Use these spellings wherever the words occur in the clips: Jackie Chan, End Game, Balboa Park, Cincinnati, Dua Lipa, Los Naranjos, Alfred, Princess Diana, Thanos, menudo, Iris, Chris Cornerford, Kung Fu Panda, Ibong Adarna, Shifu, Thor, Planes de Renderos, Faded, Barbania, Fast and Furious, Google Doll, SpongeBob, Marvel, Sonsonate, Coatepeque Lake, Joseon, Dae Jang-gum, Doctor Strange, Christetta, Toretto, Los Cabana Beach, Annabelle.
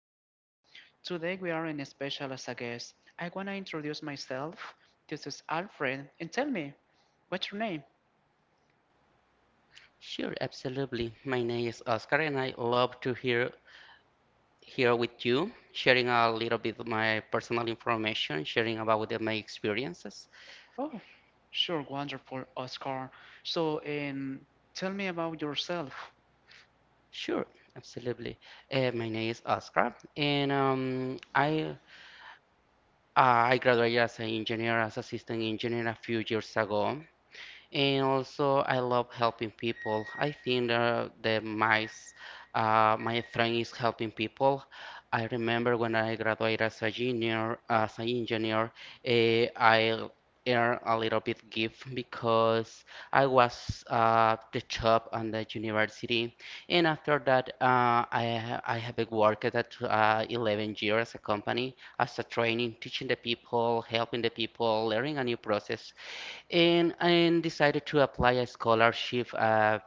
podcast. Today we are in special as a guest. I want to introduce myself. This is Alfred, and tell me, what's your name? Sure, absolutely. My name is Oscar, and I love to hear here with you, sharing a little bit of my personal information, sharing about my experiences. Oh, sure, wonderful, Oscar. So, tell me about yourself. Sure, absolutely. My name is Oscar, and I graduated as an engineer, as assistant engineer a few years ago. And also, I love helping people. I think that my strength is helping people. I remember when I graduated as a junior, as an engineer, I earned a little bit gift because I was the job on the university. And after that, I have worked at 11 years as a company as a training, teaching the people, helping the people, learning a new process and decided to apply a scholarship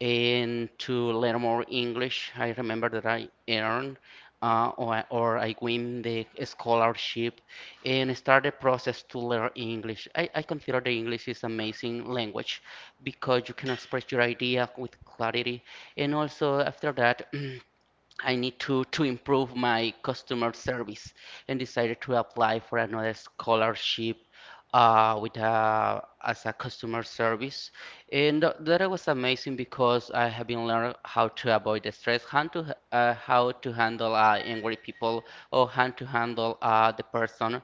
and to learn more English. I remember that I earned or I win the scholarship and start the process to learn English. I consider the English is amazing language because you can express your idea with clarity. And also after that, I need to improve my customer service and decided to apply for another scholarship as a customer service. And that was amazing because I have been learning how to avoid the stress, how to handle angry people or how to handle the person.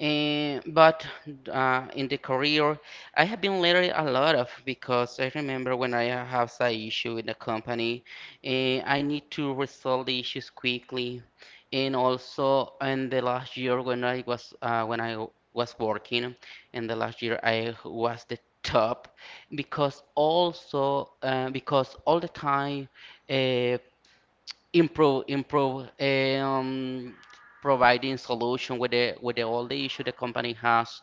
But in the career, I have been learning a lot of because I remember when I have an issue in the company, I need to resolve the issues quickly. And also, in the last year, when I was working, in the last year I was the top, because all the time, uh, improve improve providing solution with the all the issue the company has,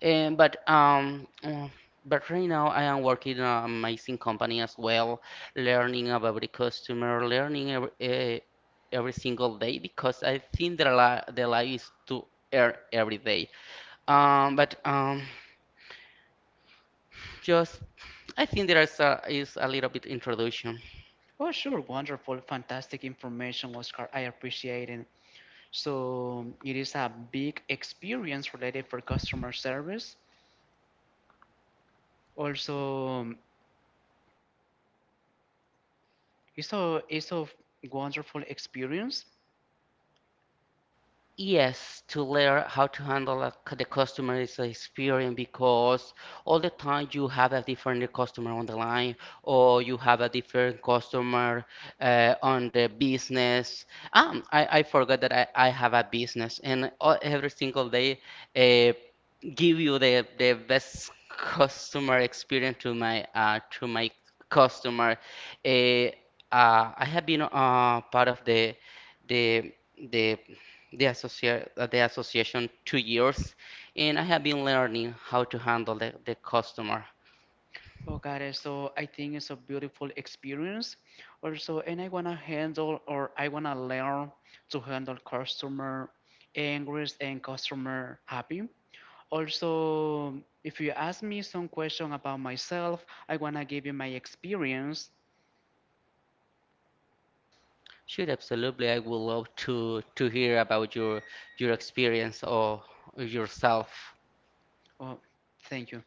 and but um mm, but right now I am working in an amazing company as well, learning about the customer, learning every single day because I think the life is to earn every day, but just I think there is a little bit introduction. Oh, sure, wonderful, fantastic information, Oscar. I appreciate it. So, it is a big experience related for customer service. Also, it's a wonderful experience. Yes, to learn how to handle the customer is an experience because all the time you have a different customer on the line, or you have a different customer on the business. I forgot that I have a business, and every single day uh, give you the best customer experience to my customer. Uh, I have been part of the the the association 2 years, and I have been learning how to handle the customer. Oh, got it. So I think it's a beautiful experience also. And I want to handle or I want to learn to handle customer angry and customer happy. Also, if you ask me some question about myself, I want to give you my experience. Sure, absolutely. I would love to hear about your experience or yourself. Oh, thank you.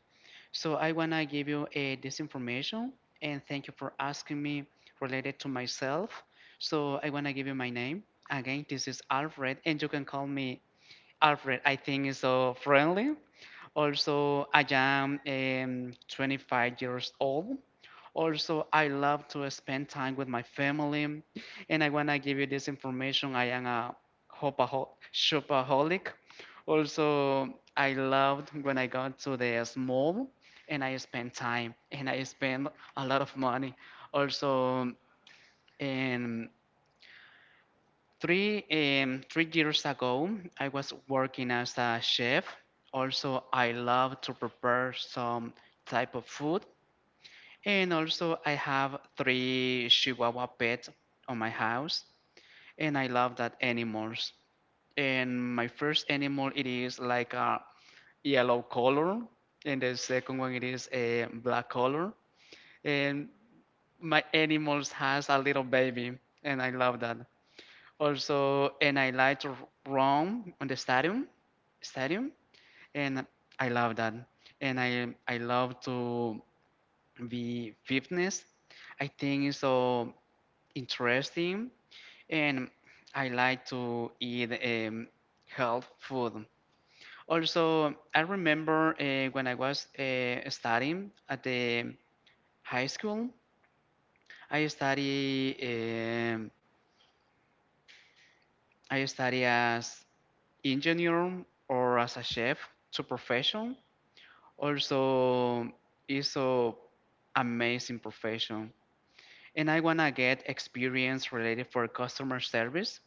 So I want to give you a, this information and thank you for asking me related to myself. So I want to give you my name. Again, this is Alfred and you can call me Alfred, I think is so friendly. Also, I am 25 years old. Also, I love to spend time with my family, and I wanna give you this information. I am a shopaholic. Also, I loved when I got to the mall and I spent time, and I spend a lot of money. Also, and 3 years ago, I was working as a chef. Also, I love to prepare some type of food. And also, I have three Chihuahua pets on my house. And I love that animals. And my first animal, it is like a yellow color. And the second one, it is a black color. And my animals has a little baby. And I love that. Also, and I like to Rome on the stadium, and I love that. And I love to be fitness. I think it's so interesting, and I like to eat health food. Also, I remember when I was studying at the high school, I study um I study as engineer or as a chef to profession. Also, it's a amazing profession, and I wanna get experience related for customer service.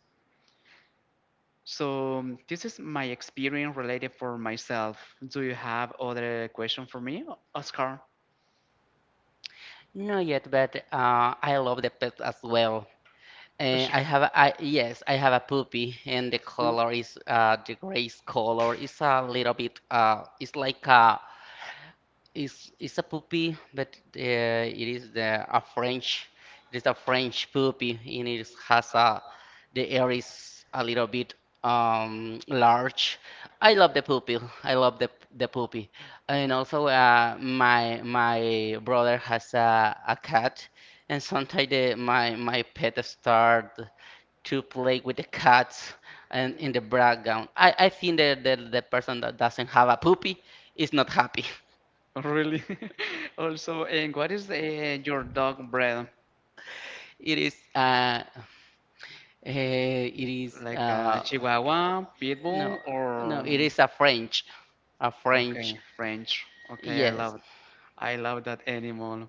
So this is my experience related for myself. Do you have other question for me, Oscar? Not yet, but I love the pet as well. And Sure. I have a, I, yes, I have a puppy, and the R- color is the gray color. It's a puppy, but it is a French. It is a French puppy, and it has a the air is a little bit large. I love the puppy. I love the puppy, and also my brother has a cat, and sometimes the, my pet start to play with the cats and in the background. I think that the person that doesn't have a puppy is not happy. Really? Also, and what is your dog breed? It is uh, it is Like a Chihuahua, Pitbull, no no or it is a French a okay, French French. Okay, yes, I love that animal.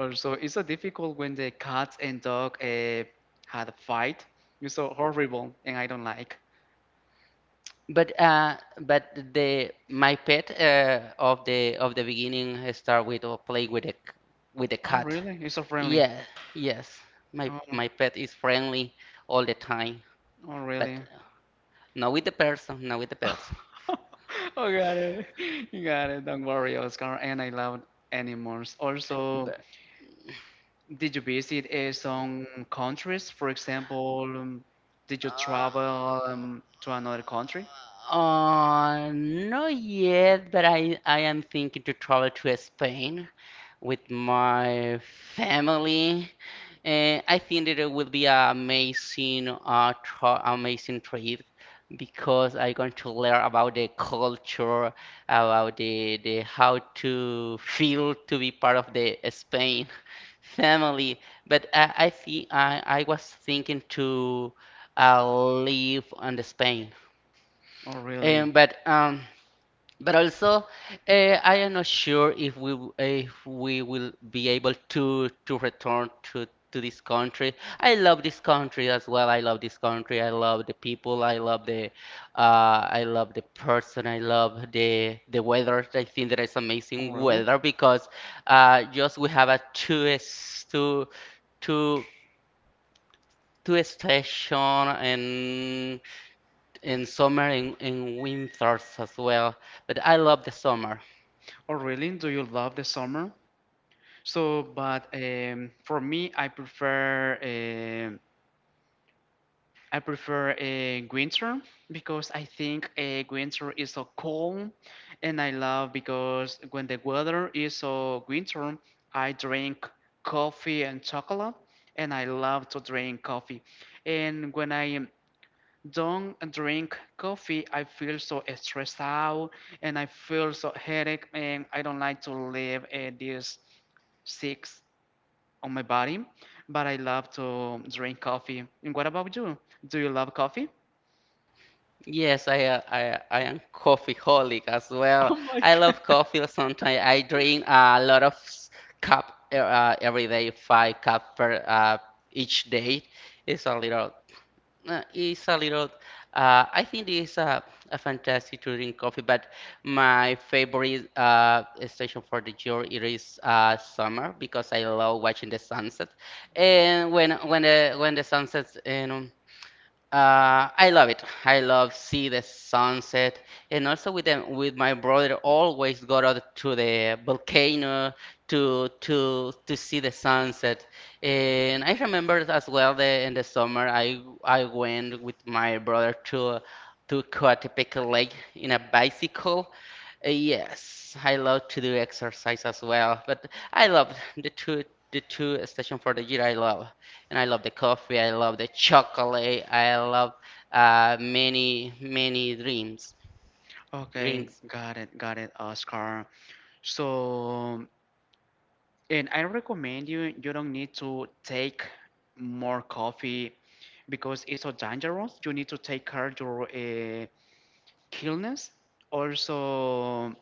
Also, it's so difficult when the cats and dog had a fight. It's so horrible, and I don't like. But the my pet, of the beginning, start with or play with a Oh, cat, really? It's so friendly. yeah. Yes, my Oh, my pet is friendly all the time, oh, but really? not with the person, not with the person Oh, got it. You got it. Don't worry, Oscar. And I love animals. Also, but did you visit some countries? For example, did you uh, travel to another country? not yet, but I am thinking to travel to Spain with my family. And I think that it will be an amazing trip because I'm going to learn about the culture, about the how to feel to be part of the Spain family. But I think I was thinking to uh, live on the Spain. Oh, really? Um, but um, but also, I am not sure if we will be able to return to this country. I love this country as well. I love this country. I love the people. I love the person. I love the weather. I think that is Oh, amazing really? weather because just we have a two s- two two two station, and in summer, in winters as well. But I love the summer. Oh, really? Do you love the summer? So, but for me, I prefer winter because I think winter is so cold, and I love because when the weather is so winter, I drink coffee and chocolate, and I love to drink coffee. And when I don't drink coffee, I feel so stressed out, and I feel so headache, and I don't like to live this sick on my body. But I love to drink coffee. And what about you? Do you love coffee? Yes, I am coffeeholic as well. I love coffee. Sometimes I drink a lot of cup every day, five cup per each day. It's a little, it's a little. I think it's a fantastic to drink coffee, but my favorite station for the year it is summer because I love watching the sunset. And when the sunset and I love it. I love see the sunset, and also with my brother always go out to the volcano to see the sunset. And I remember as well that in the summer, I went with my brother to Coatepeque Lake in a bicycle. Yes, I love to do exercise as well, but I love the two the two station for the year. I love the coffee, I love the chocolate, I love many, many Okay, drinks. Got it, Oscar. So, and I recommend you, you don't need to take more coffee because it's so dangerous. You need to take care your illness. Also,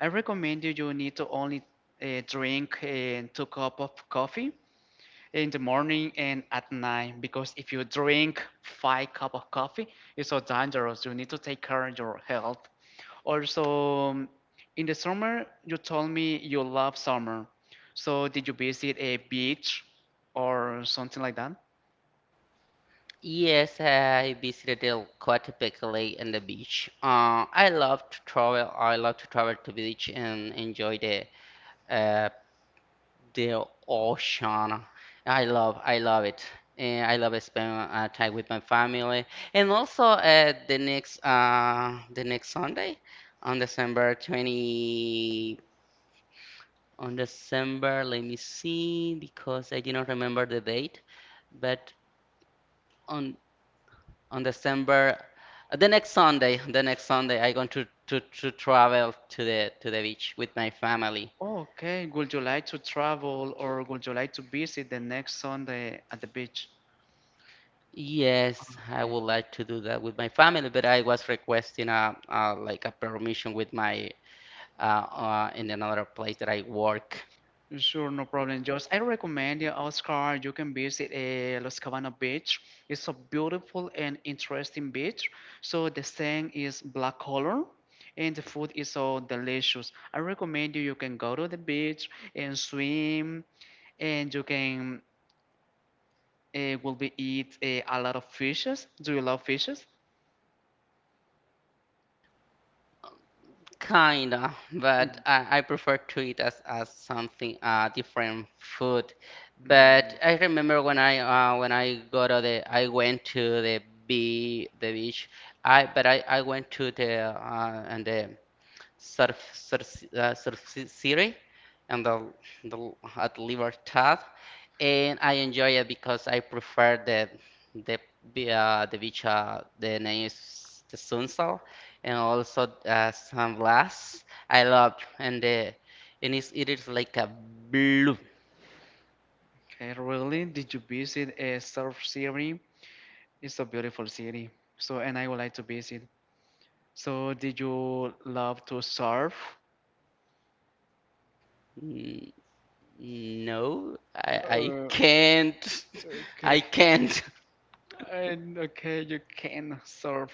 I recommend you, you need to only drink two cup of coffee in the morning and at night because if you drink five cup of coffee, it's so dangerous. You need to take care of your health. Also, in the summer, you told me you love summer. So did you visit a beach or something like that? Yes, I visited Coatepec Lake and the beach. I love to travel. I love to travel to beach and enjoy uh, the ocean. I love it. And I love spending time with my family. And also, the next Sunday on December 20. On December, let me see, because I did not remember the date. But on on December, the next Sunday, I going to travel to the beach with my family. Okay, would you like to travel or would you like to visit the next Sunday at the beach? Yes, I would Okay. like to do that with my family, but I was requesting a like a permission with my in another place that I work. Sure, no problem, Josh. I recommend you Oscar. You can visit Los Cabana Beach. It's a beautiful and interesting beach. So the sand is black color, and the food is so delicious. I recommend you. You can go to the beach and swim, and you can will be eat a lot of fishes. Do you love fishes? Kinda, but Mm. I prefer to eat as something different food. But Mm. I remember when I go to the I went to the beach. I went to the and the City and the at Libertad, and I enjoy it because I prefer the the beach. The name is the Sunsol, and also San Blas. I loved and the and it's, it is like a blue. Okay, really? Did you visit a surf city? It's a beautiful city. So, and I would like to visit. So, did you love to surf? N- No, I Uh, can't. okay. I can't. And okay, you can surf.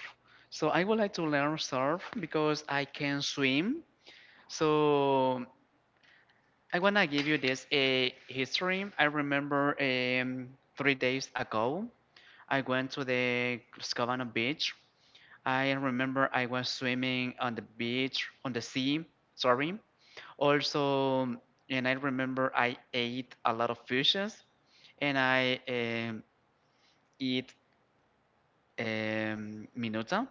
So I would like to learn surf because I can swim. So I wanna give you this a history. I remember 3 days ago, I went to the Scovano beach. I remember I was swimming on the beach, on the sea, sorry. Also, and I remember I ate a lot of fishes and I eat minuta.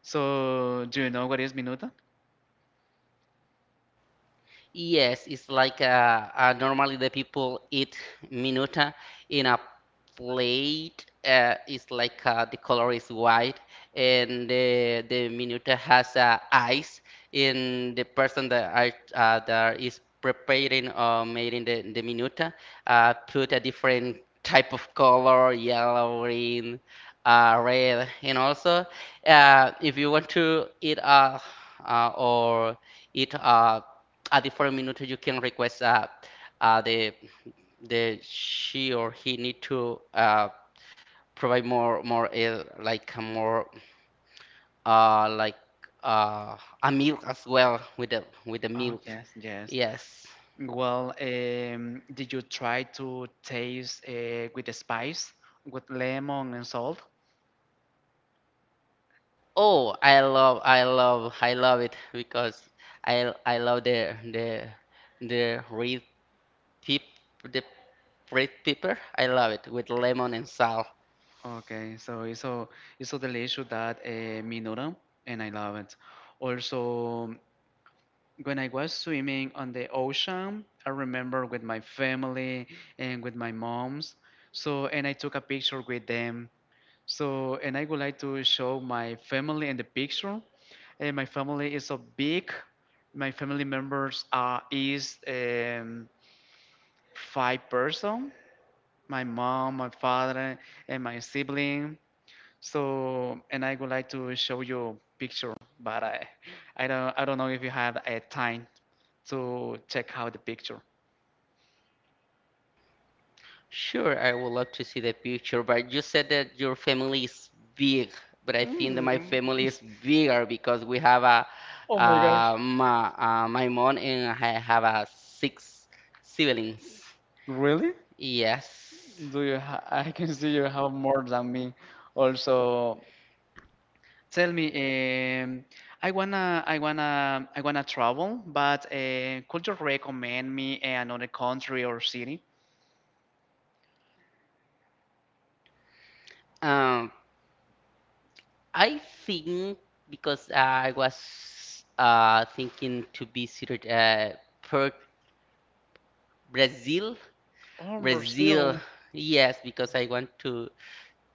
So, do you know what is minuta? Yes, it's like normally the people eat minuta in a plate. It's like the color is white, and the minuta has ice. And the person that is preparing or making the minuta put a different type of color, yellow, green, red, and also, if you want to eat or eat at the 4 minutes, you can request, uh, the the she or he need to provide more like a more like uh, a milk as well, with the Oh, milk. yes, yes. Yes. Well, did you try to taste with the spice, with lemon and salt? Oh, I love it because I love the red pep the red pepper. I love it with lemon and salt. Okay, it's so delicious that menudo, and I love it. Also, when I was swimming on the ocean, I remember with my family and with my moms. So, and I took a picture with them. So, and I would like to show my family in the picture. And my family is so big. My family members are is five person. My mom, my father, and my sibling. So, and I would like to show you picture, but I don't know if you have a time to check out the picture. Sure, I would love to see the picture, but you said that your family is big, but I think that my Mm. family is bigger because we have Oh my gosh. uh, my, my mom, and I have a six siblings. Really? Yes. Do you? Ha I can see you have more than me. Also, tell me, um, I wanna travel, but could you recommend me another country or city? Um, I think because I was thinking to visit per Brazil. Oh, Brazil, Brazil. yes, because I want to.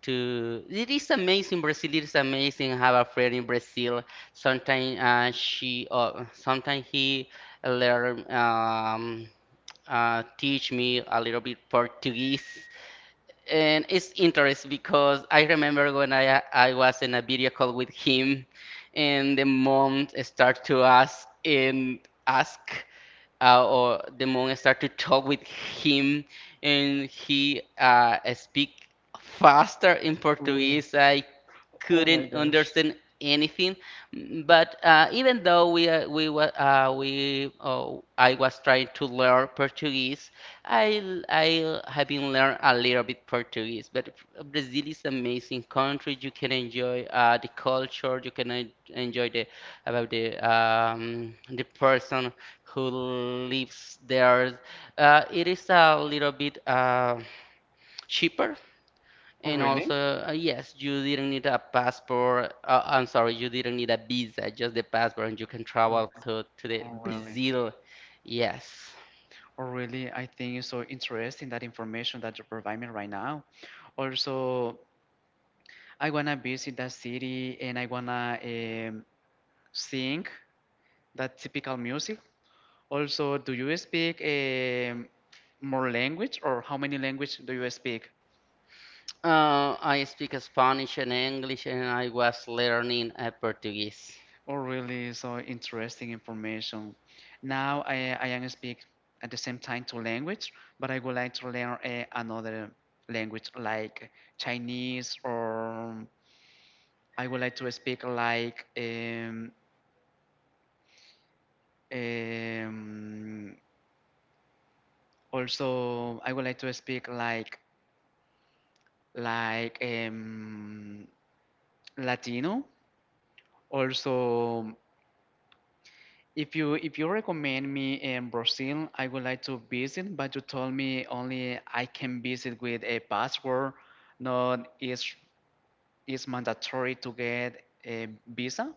It is amazing. Brazil is amazing. I have a friend in Brazil. Sometimes he learn teach me a little bit Portuguese, and it's interesting because I remember when I was in a video call with him, and the mom start to ask and ask, or the monk start to talk with him, and he speak faster in Really? Portuguese. I Oh my couldn't gosh. understand anything. But even though we wa- we oh, I was trying to learn Portuguese, I I have been learn a little bit Portuguese. But Brazil is amazing country. You can enjoy the culture. You can enjoy the person who lives there. It is a little bit cheaper, Oh, and really? also, yes, you didn't need a passport. I'm sorry, you didn't need a visa, just the passport, and you can travel Okay. to the Oh, really? Brazil. Yes. Oh, really? I think it's so interesting that information that you provide me right now. Also, I wanna visit that city and I wanna sing that typical music. Also, do you speak more language or how many language do you speak? I speak Spanish and English, and I was learning Portuguese. Oh, really? So interesting information. Now I am speak at the same time two language, but I would like to learn another language like Chinese or I would like to speak like um, also I would like to speak like Latino. Also, if you recommend me in Brazil, I would like to visit, but you told me only I can visit with a passport. Not is is mandatory to get a visa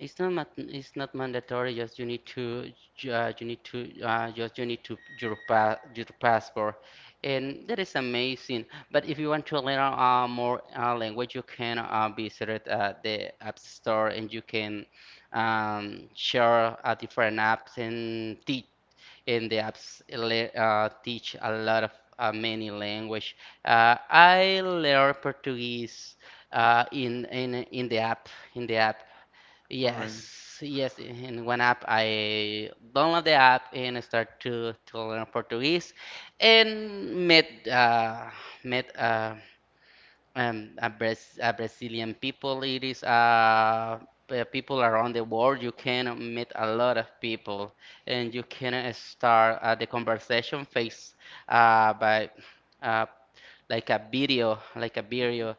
It's not mat it's not mandatory. Just you need to you need to just you need to your pa your passport, and that is amazing. But if you want to learn more language, you can visit it at the app store, and you can share different apps and teach. And the apps teach a lot of many language. I learned Portuguese in the app in the app. or Yes, yes. In one app, I download the app and I start to learn Portuguese, and met met a Brazilian people, it is people around the world. You can meet a lot of people, and you can start the conversation face by uh, like a video,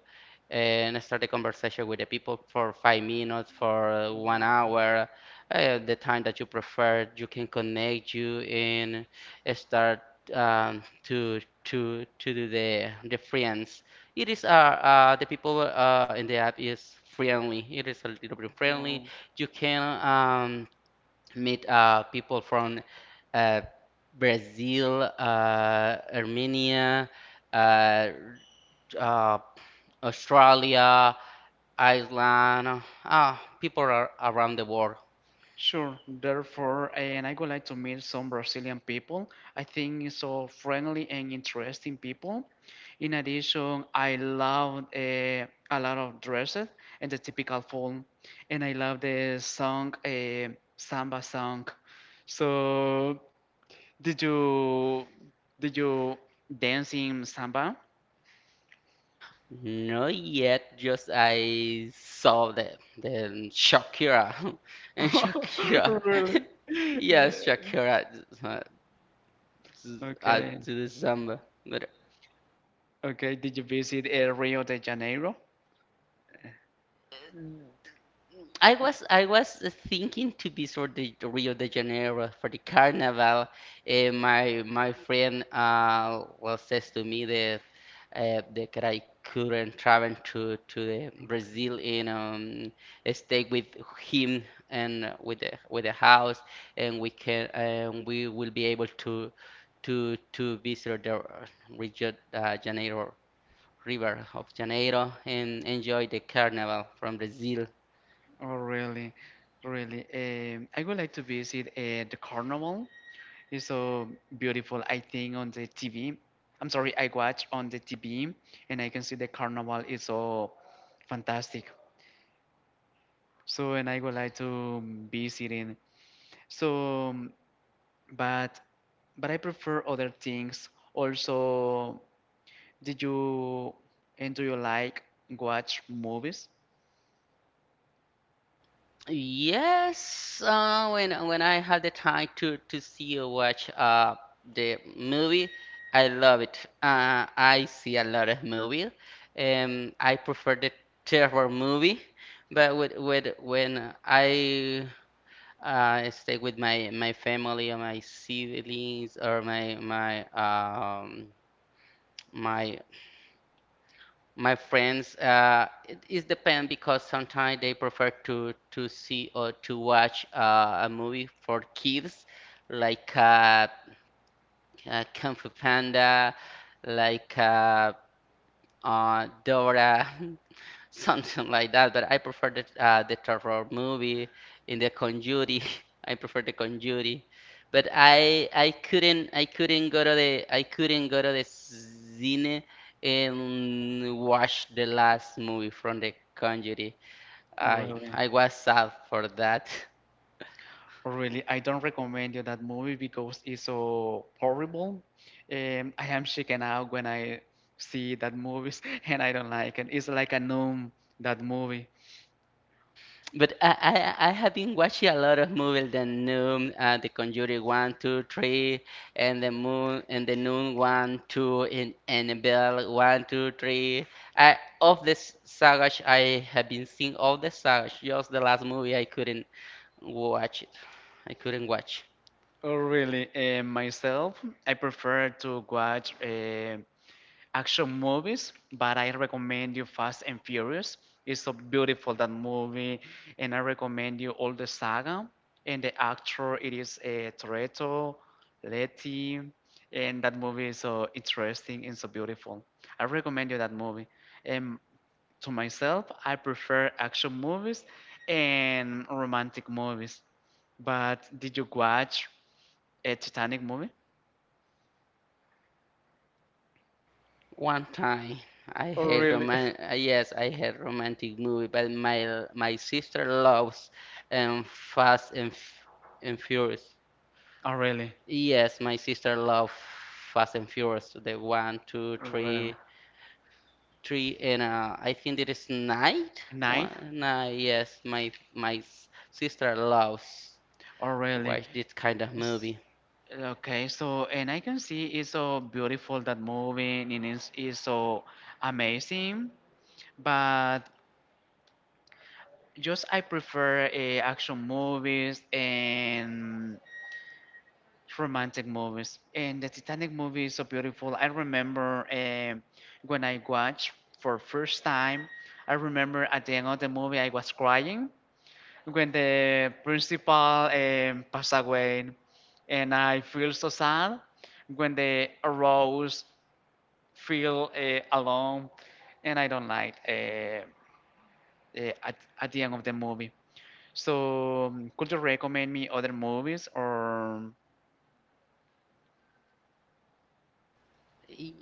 and start the conversation with the people for 5 minutes, for 1 hour, the time that you prefer. You can connect you and start to do the friends. It is the people in the app is friendly. It is a little bit friendly. You can meet people from uh Brazil, Armenia, uh uh Australia, Iceland, people are around the world. sure. Therefore, and I would like to meet some Brazilian people. I think so friendly and interesting people. In addition, I love a lot of dresses and the typical form, and I love the song samba song. So, did you did you dance in samba? Not yet, just I saw the Shakira and Shakira. Really? Yes, Shakira, uh, Okay. to the samba. But Okay. Did you visit Rio de Janeiro? I was thinking to visit the Rio de Janeiro for the carnival. My friend well says to me that that I couldn't travel to the Brazil and stay with him and with the house and we can and we will be able to visit the Rio de Janeiro River of Janeiro and enjoy the carnival from Brazil. Oh, really, really. I would like to visit the carnival. It's so beautiful. I think on the TV. I'm sorry, I watch on the TV, and I can see the carnival is so fantastic. So, and I would like to visit it. So, but but I prefer other things. Also, did you and do you like watch movies? Yes, when I had the time to see or watch the movie, I love it. I see a lot of movies. I prefer the terror movie, but with when I stay with my family or my siblings or my my friends, it, it depends because sometimes they prefer to see or to watch a movie for kids, like Kung Fu Panda, like Dora, something like that. But I prefer the terror movie in the Conjuring. I prefer the Conjuring. But I couldn't go to the I couldn't go to the cine and watch the last movie from the Conjuring. I Really? I was sad for that. Really, I don't recommend you that movie because it's so horrible. I am shaken out when I see that movies, and I don't like it. It's like a numb that movie. But I have been watching a lot of movies, the Noon, the Conjuring one, two, three, and the Moon, and the Noon one, two, and Annabelle one, two, three. I of this saga, I have been seeing all the sagas. Just the last movie, I couldn't watch it. I couldn't watch Oh, really? Myself, I prefer to watch action movies, but I recommend you Fast and Furious. It's so beautiful that movie, and I recommend you all the saga. And the actor it is a Toretto, Letty, and that movie is so interesting and so beautiful. I recommend you that movie. And to myself, I prefer action movies and romantic movies. But did you watch a Titanic movie? one time. I Oh hate really? roman. Yes, I hate romantic movie, but my sister loves Fast and F and Furious. Oh really? Yes, my sister love Fast and Furious, the one, two, Really? three, three, and I think it is nine. Night? One, yes, my s- sister loves Oh, really? watch this kind of S- movie. Okay, so and I can see it's so beautiful that movie and it's so amazing, but just I prefer action movies and romantic movies. And the Titanic movie is so beautiful. I remember when I watched for first time, I remember at the end of the movie I was crying when the principal passed away and I feel so sad when the arrows feel alone and I don't like uh, at, at the end of the movie. So could you recommend me other movies or Y-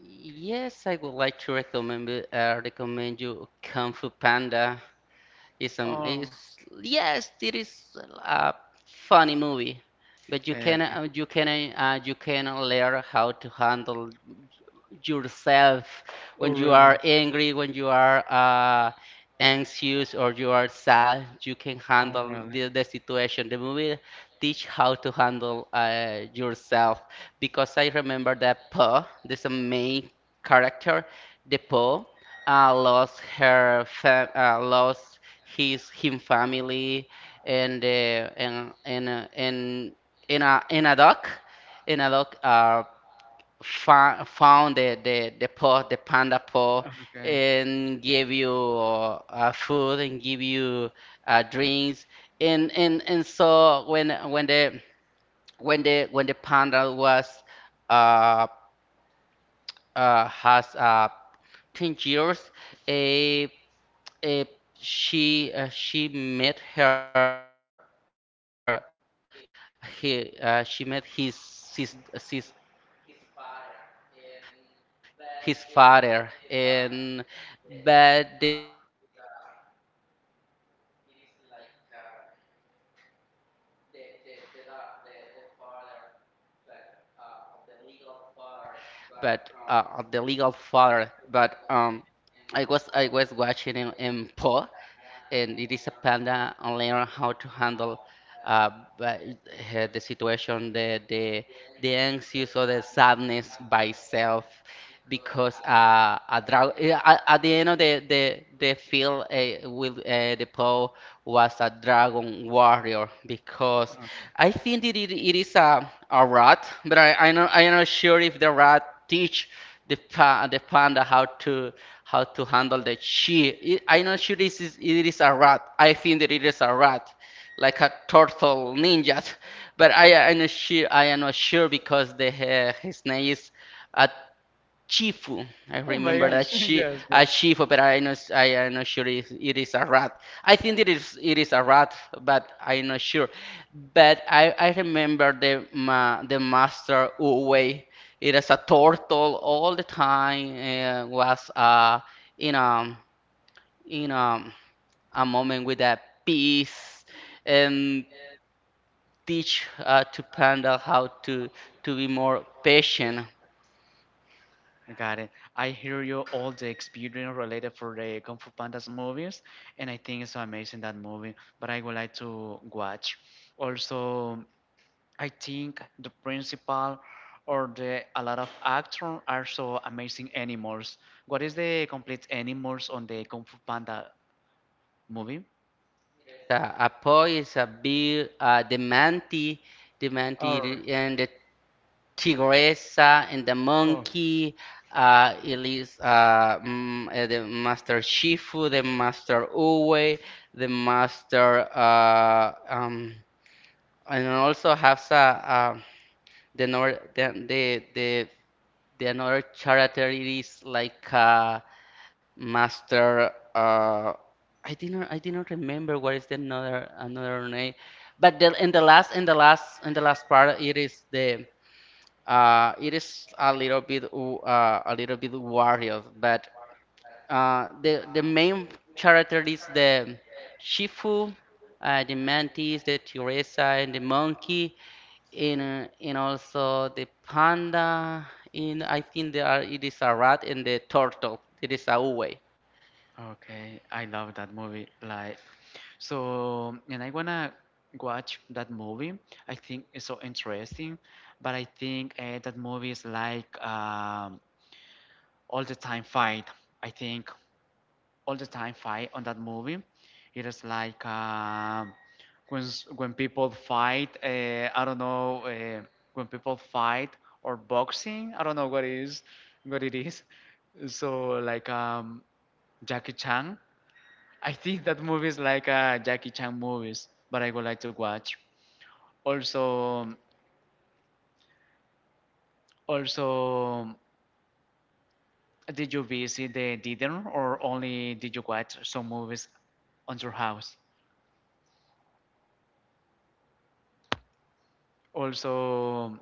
Yes, I would like to recommend recommend you Kung Fu Panda. Or It's yes, it is a funny movie, but you can okay. You can you can learn how to handle yourself Oh, when you really? are angry, when you are anxious or you are sad, you can Oh, handle really? The situation. The movie teach how to handle yourself because I remember that Po, this main character, the Po, lost her lost his him family and and in a dog, in a dog found the paw, the panda paw, Okay. and give you food and give you drinks, and so when the when the when the panda was uh, has 10 years, uh, she met her he she met his his, his father and but the dog it is the uh, it is uh it is like the father but the legal father but I was watching in Paw and it is a panda and learn how to handle uh, the situation, the anxious or the sadness by self because a drug at the end of the film with the Poe was a dragon warrior because I think it is a rat, but I'm not sure if the rat teach the pa the panda how to handle the chi. It, I'm not sure this is it is a rat. I think that it is a rat, like a turtle ninja, but I am not sure because the his name is at Chifu. I Oh my remember gosh, that she yes, a yes. Chifu, but I not I am not sure if it is a rat. I think it is a rat, but I'm not sure. But I remember the ma, the master Uwe. It is a turtle all the time. Was in um in A moment with a peace and teach to panda how to be more patient Got it. I hear you all the experience related for the Kung Fu Pandas movies, and I think it's so amazing that movie. But I would like to watch. Also, I think the principal or the a lot of actors are so amazing animals. What is the complete animals on the Kung Fu Panda movie? A is a beer, the manti and the Or tigresa and the monkey. The master Shifu, the master Uwe, the master and also has a the nor the another character it is like Master. I did not remember what is the another another name. But the, in the last in the last part, it is the it is a little bit warrior. But the main character is the Shifu, the mantis, the Teresa, and the monkey, and also the panda. And I think there are it is a rat and the turtle. It is a Uwe. okay, I love that movie. And I wanna watch that movie. I think it's so interesting, but I think that movie is like all the time fight. I think all the time fight on that movie. It is like when when people fight. I don't know when people fight or boxing. I don't know what is what it is. So like Jackie Chan. I think that movies like a Jackie Chan movies, but I would like to watch. Also, also, did you visit the theater or only did you watch some movies on your house? Also,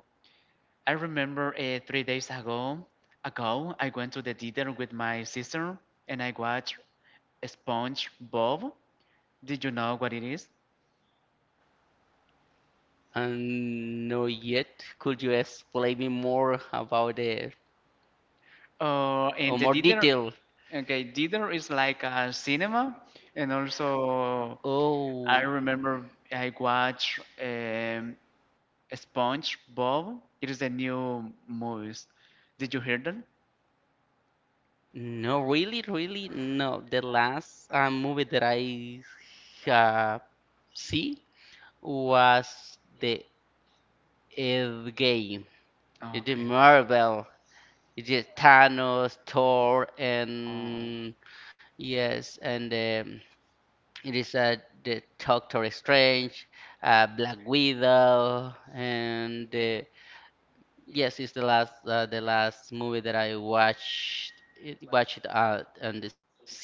I remember 3 days ago I went to the theater with my sister and I watched SpongeBob. Did you know what it is? And no yet. Could you explain me more about it Uh, or and the more theater, detail? okay, theater is like a cinema, and also I Oh, remember I watched SpongeBob. It is a new movies. Did you hear that? no, really, really, no. The last movie that I uh, see was the End Game. It is Okay. Marvel. It is Thanos, Thor, Oh, and yes, and it is the Doctor Strange, Black Widow, and yes, it's the last movie that I watched it out on the cine.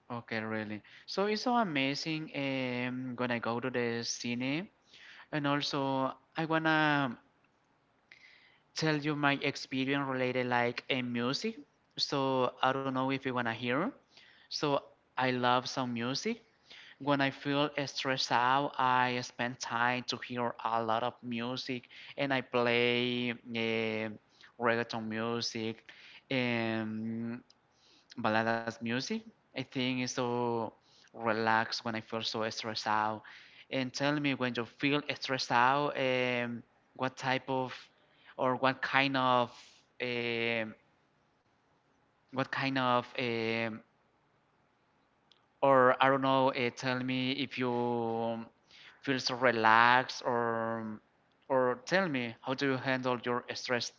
okay, really. So it's so amazing when I go to the cine, and also I wanna tell you my experience related like in music. So I don't know if you wanna hear. So I love some music. When I feel stressed out, I spend time to hear a lot of music, and I play reggaeton music. Um, Baladas music. I think it's so relaxed when I feel so stressed out. And tell me when you feel stressed out, what type of or um, what kind of or I don't know. Tell me if you feel so relaxed or tell me how do you handle your stress.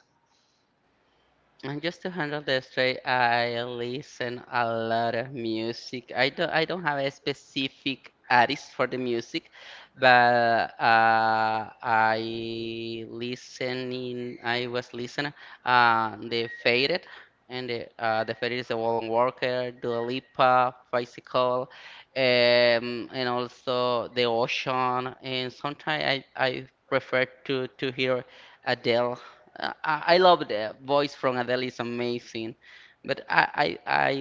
And just to handle the stress, I listen a lot of music. I don't have a specific artist for the music, but I was listening the Faded and the Faded is a Wallen Walker, Dua Lipa, Bicycle, and also the Ocean. And sometimes I prefer to hear Adele. I love the voice from Adele is amazing, but I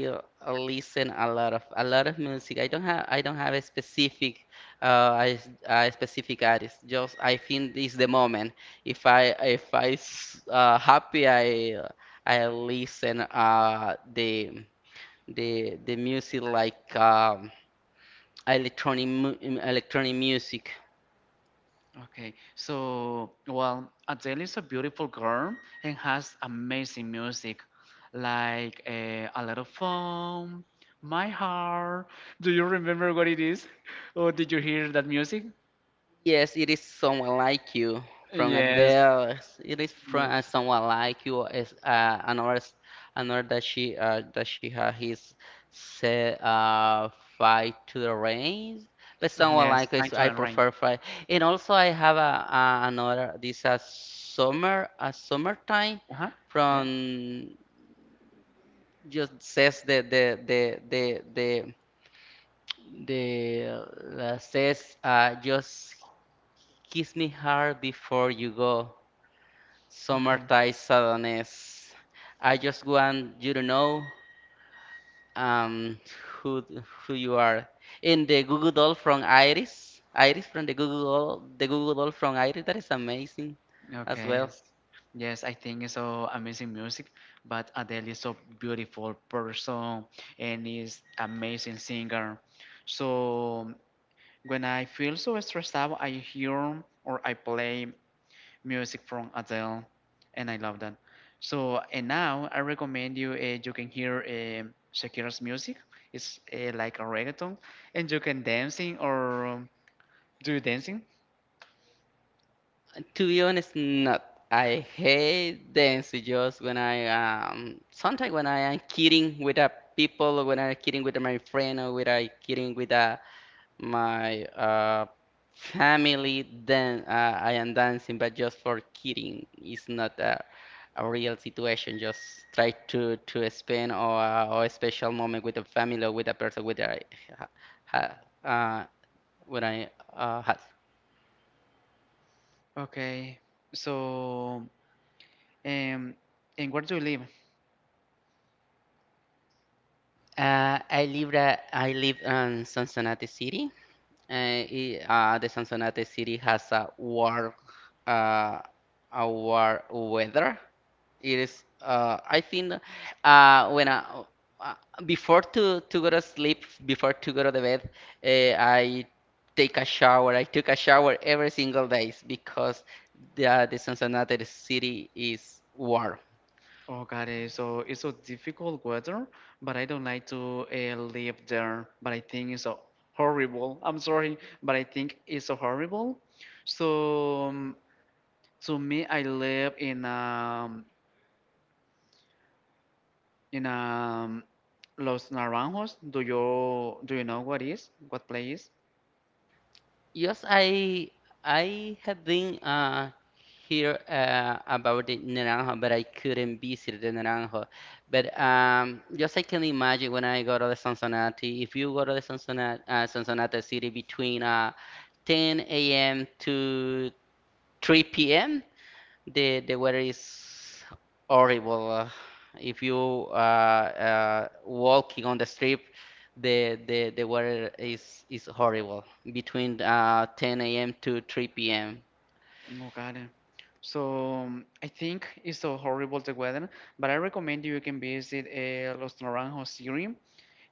listen a lot of music. I don't have a specific a specific artist. Just I think this the moment. If I happy I listen the music like electronic electronic music. Okay, so well, Adele is a beautiful girl and has amazing music, like a lot of fun, my heart. Do you remember what it is, or did you hear that music? Yes, it is someone like you from Yes, Adele. It is yeah, from someone like you. Is another another that she had his set fight to the range. But someone yes, like Pine us, I and Rain. prefer fight. And also I have a another this a summer a summertime Uh huh. Yeah. from just says the says just Kiss me hard before you go. Okay. Summertime sadness. I just want you to know um who who you are. In the Google Doll from Iris. Iris from the Google Doll from Iris. That is amazing as Okay. well. Yes, I think it's so amazing music, but Adele is so beautiful person and is amazing singer. So when I feel so stressed out, I hear or I play music from Adele, and I love that. So and now I recommend you. You can hear Shakira's music. It's like a reggaeton, and you can dancing or do dancing. To be honest, not. I hate dance just when I sometimes when I am kidding with a people or when I'm kidding with my friend or when I kidding with a my family then I am dancing but just for kidding it's not a, a real situation just try to spend or a special moment with a family or with a person with I ha, ha, uh, when I had Okay, so. Um, and where do you live? I live in Cincinnati City. Uh, the Cincinnati City has uh, a warm weather. It is I think when I uh, before to go to sleep before to go to the bed I take a shower. I took a shower every single day because the Cincinnati City is warm. Oh, God, it's so difficult weather, but I don't like to live there. But I think it's so horrible. I'm sorry, but I think it's so horrible. So to me, I live in Los Naranjos. Do you know what is what place? Yes, I have been here about the Naranjo, but I couldn't visit the Naranjo. But just I can imagine when I go to the Sonsonate, if you go to the Sonsonate, Sonsonate city between 10 a.m. to 3 p.m., the weather is horrible. If you walking on the strip, the the weather is horrible between 10 a.m. to 3 p.m. Oh, got it. So I think it's so horrible the weather, but I recommend you can visit Los Naranjos city.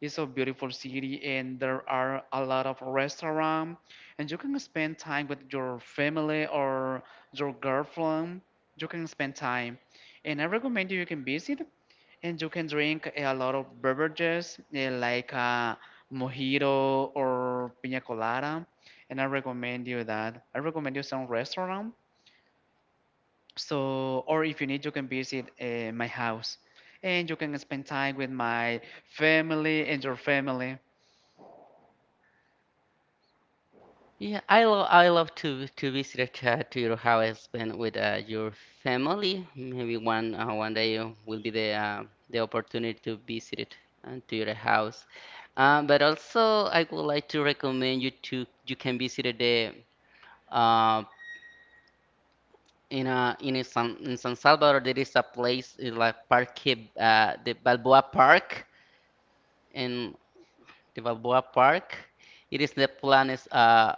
It's a beautiful city, and there are a lot of restaurants, and you can spend time with your family or your girlfriend. You can spend time, and I recommend you can visit, and you can drink a lot of beverages like mojito or piña colada. And I recommend you that. I recommend you some restaurant so, or if you need, you can visit my house and you can spend time with my family and your family. Yeah, I love to visit to your house, spend with your family. Maybe one day will be the opportunity to visit it and to your house. But also, I would like to recommend you to you can visit the uh, in a San in San Salvador there is a place like Parque the Balboa Park in the Balboa Park it is the Planes uh,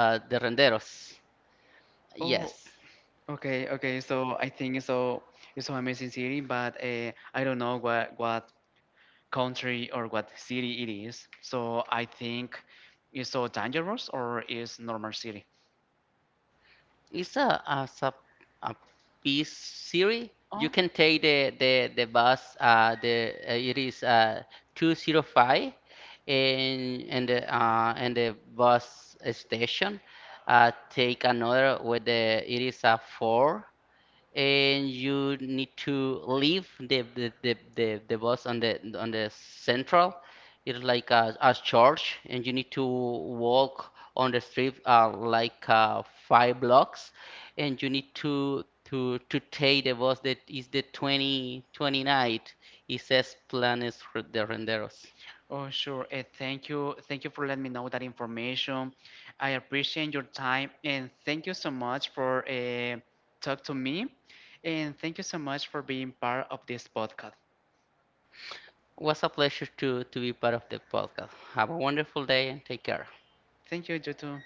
uh de Renderos Oh, yes okay, okay. So I think it's so amazing city, but I don't know what country or what city it is. So I think it's so dangerous or is normal city. it's a as a piece series you Oh, can take the bus the it is 205 and the bus station take another with the it is a four and you need to leave the, bus on the central it's like a church and you need to walk on the street like five blocks and you need to to take the bus that is the 20 29 it says Planes de Renderos oh, sure. Thank you. Thank you for letting me know that information. I appreciate your time and thank you so much for talk to me. And thank you so much for being part of this podcast. was a pleasure to be part of the podcast have a wonderful day and take care Thank you, you too.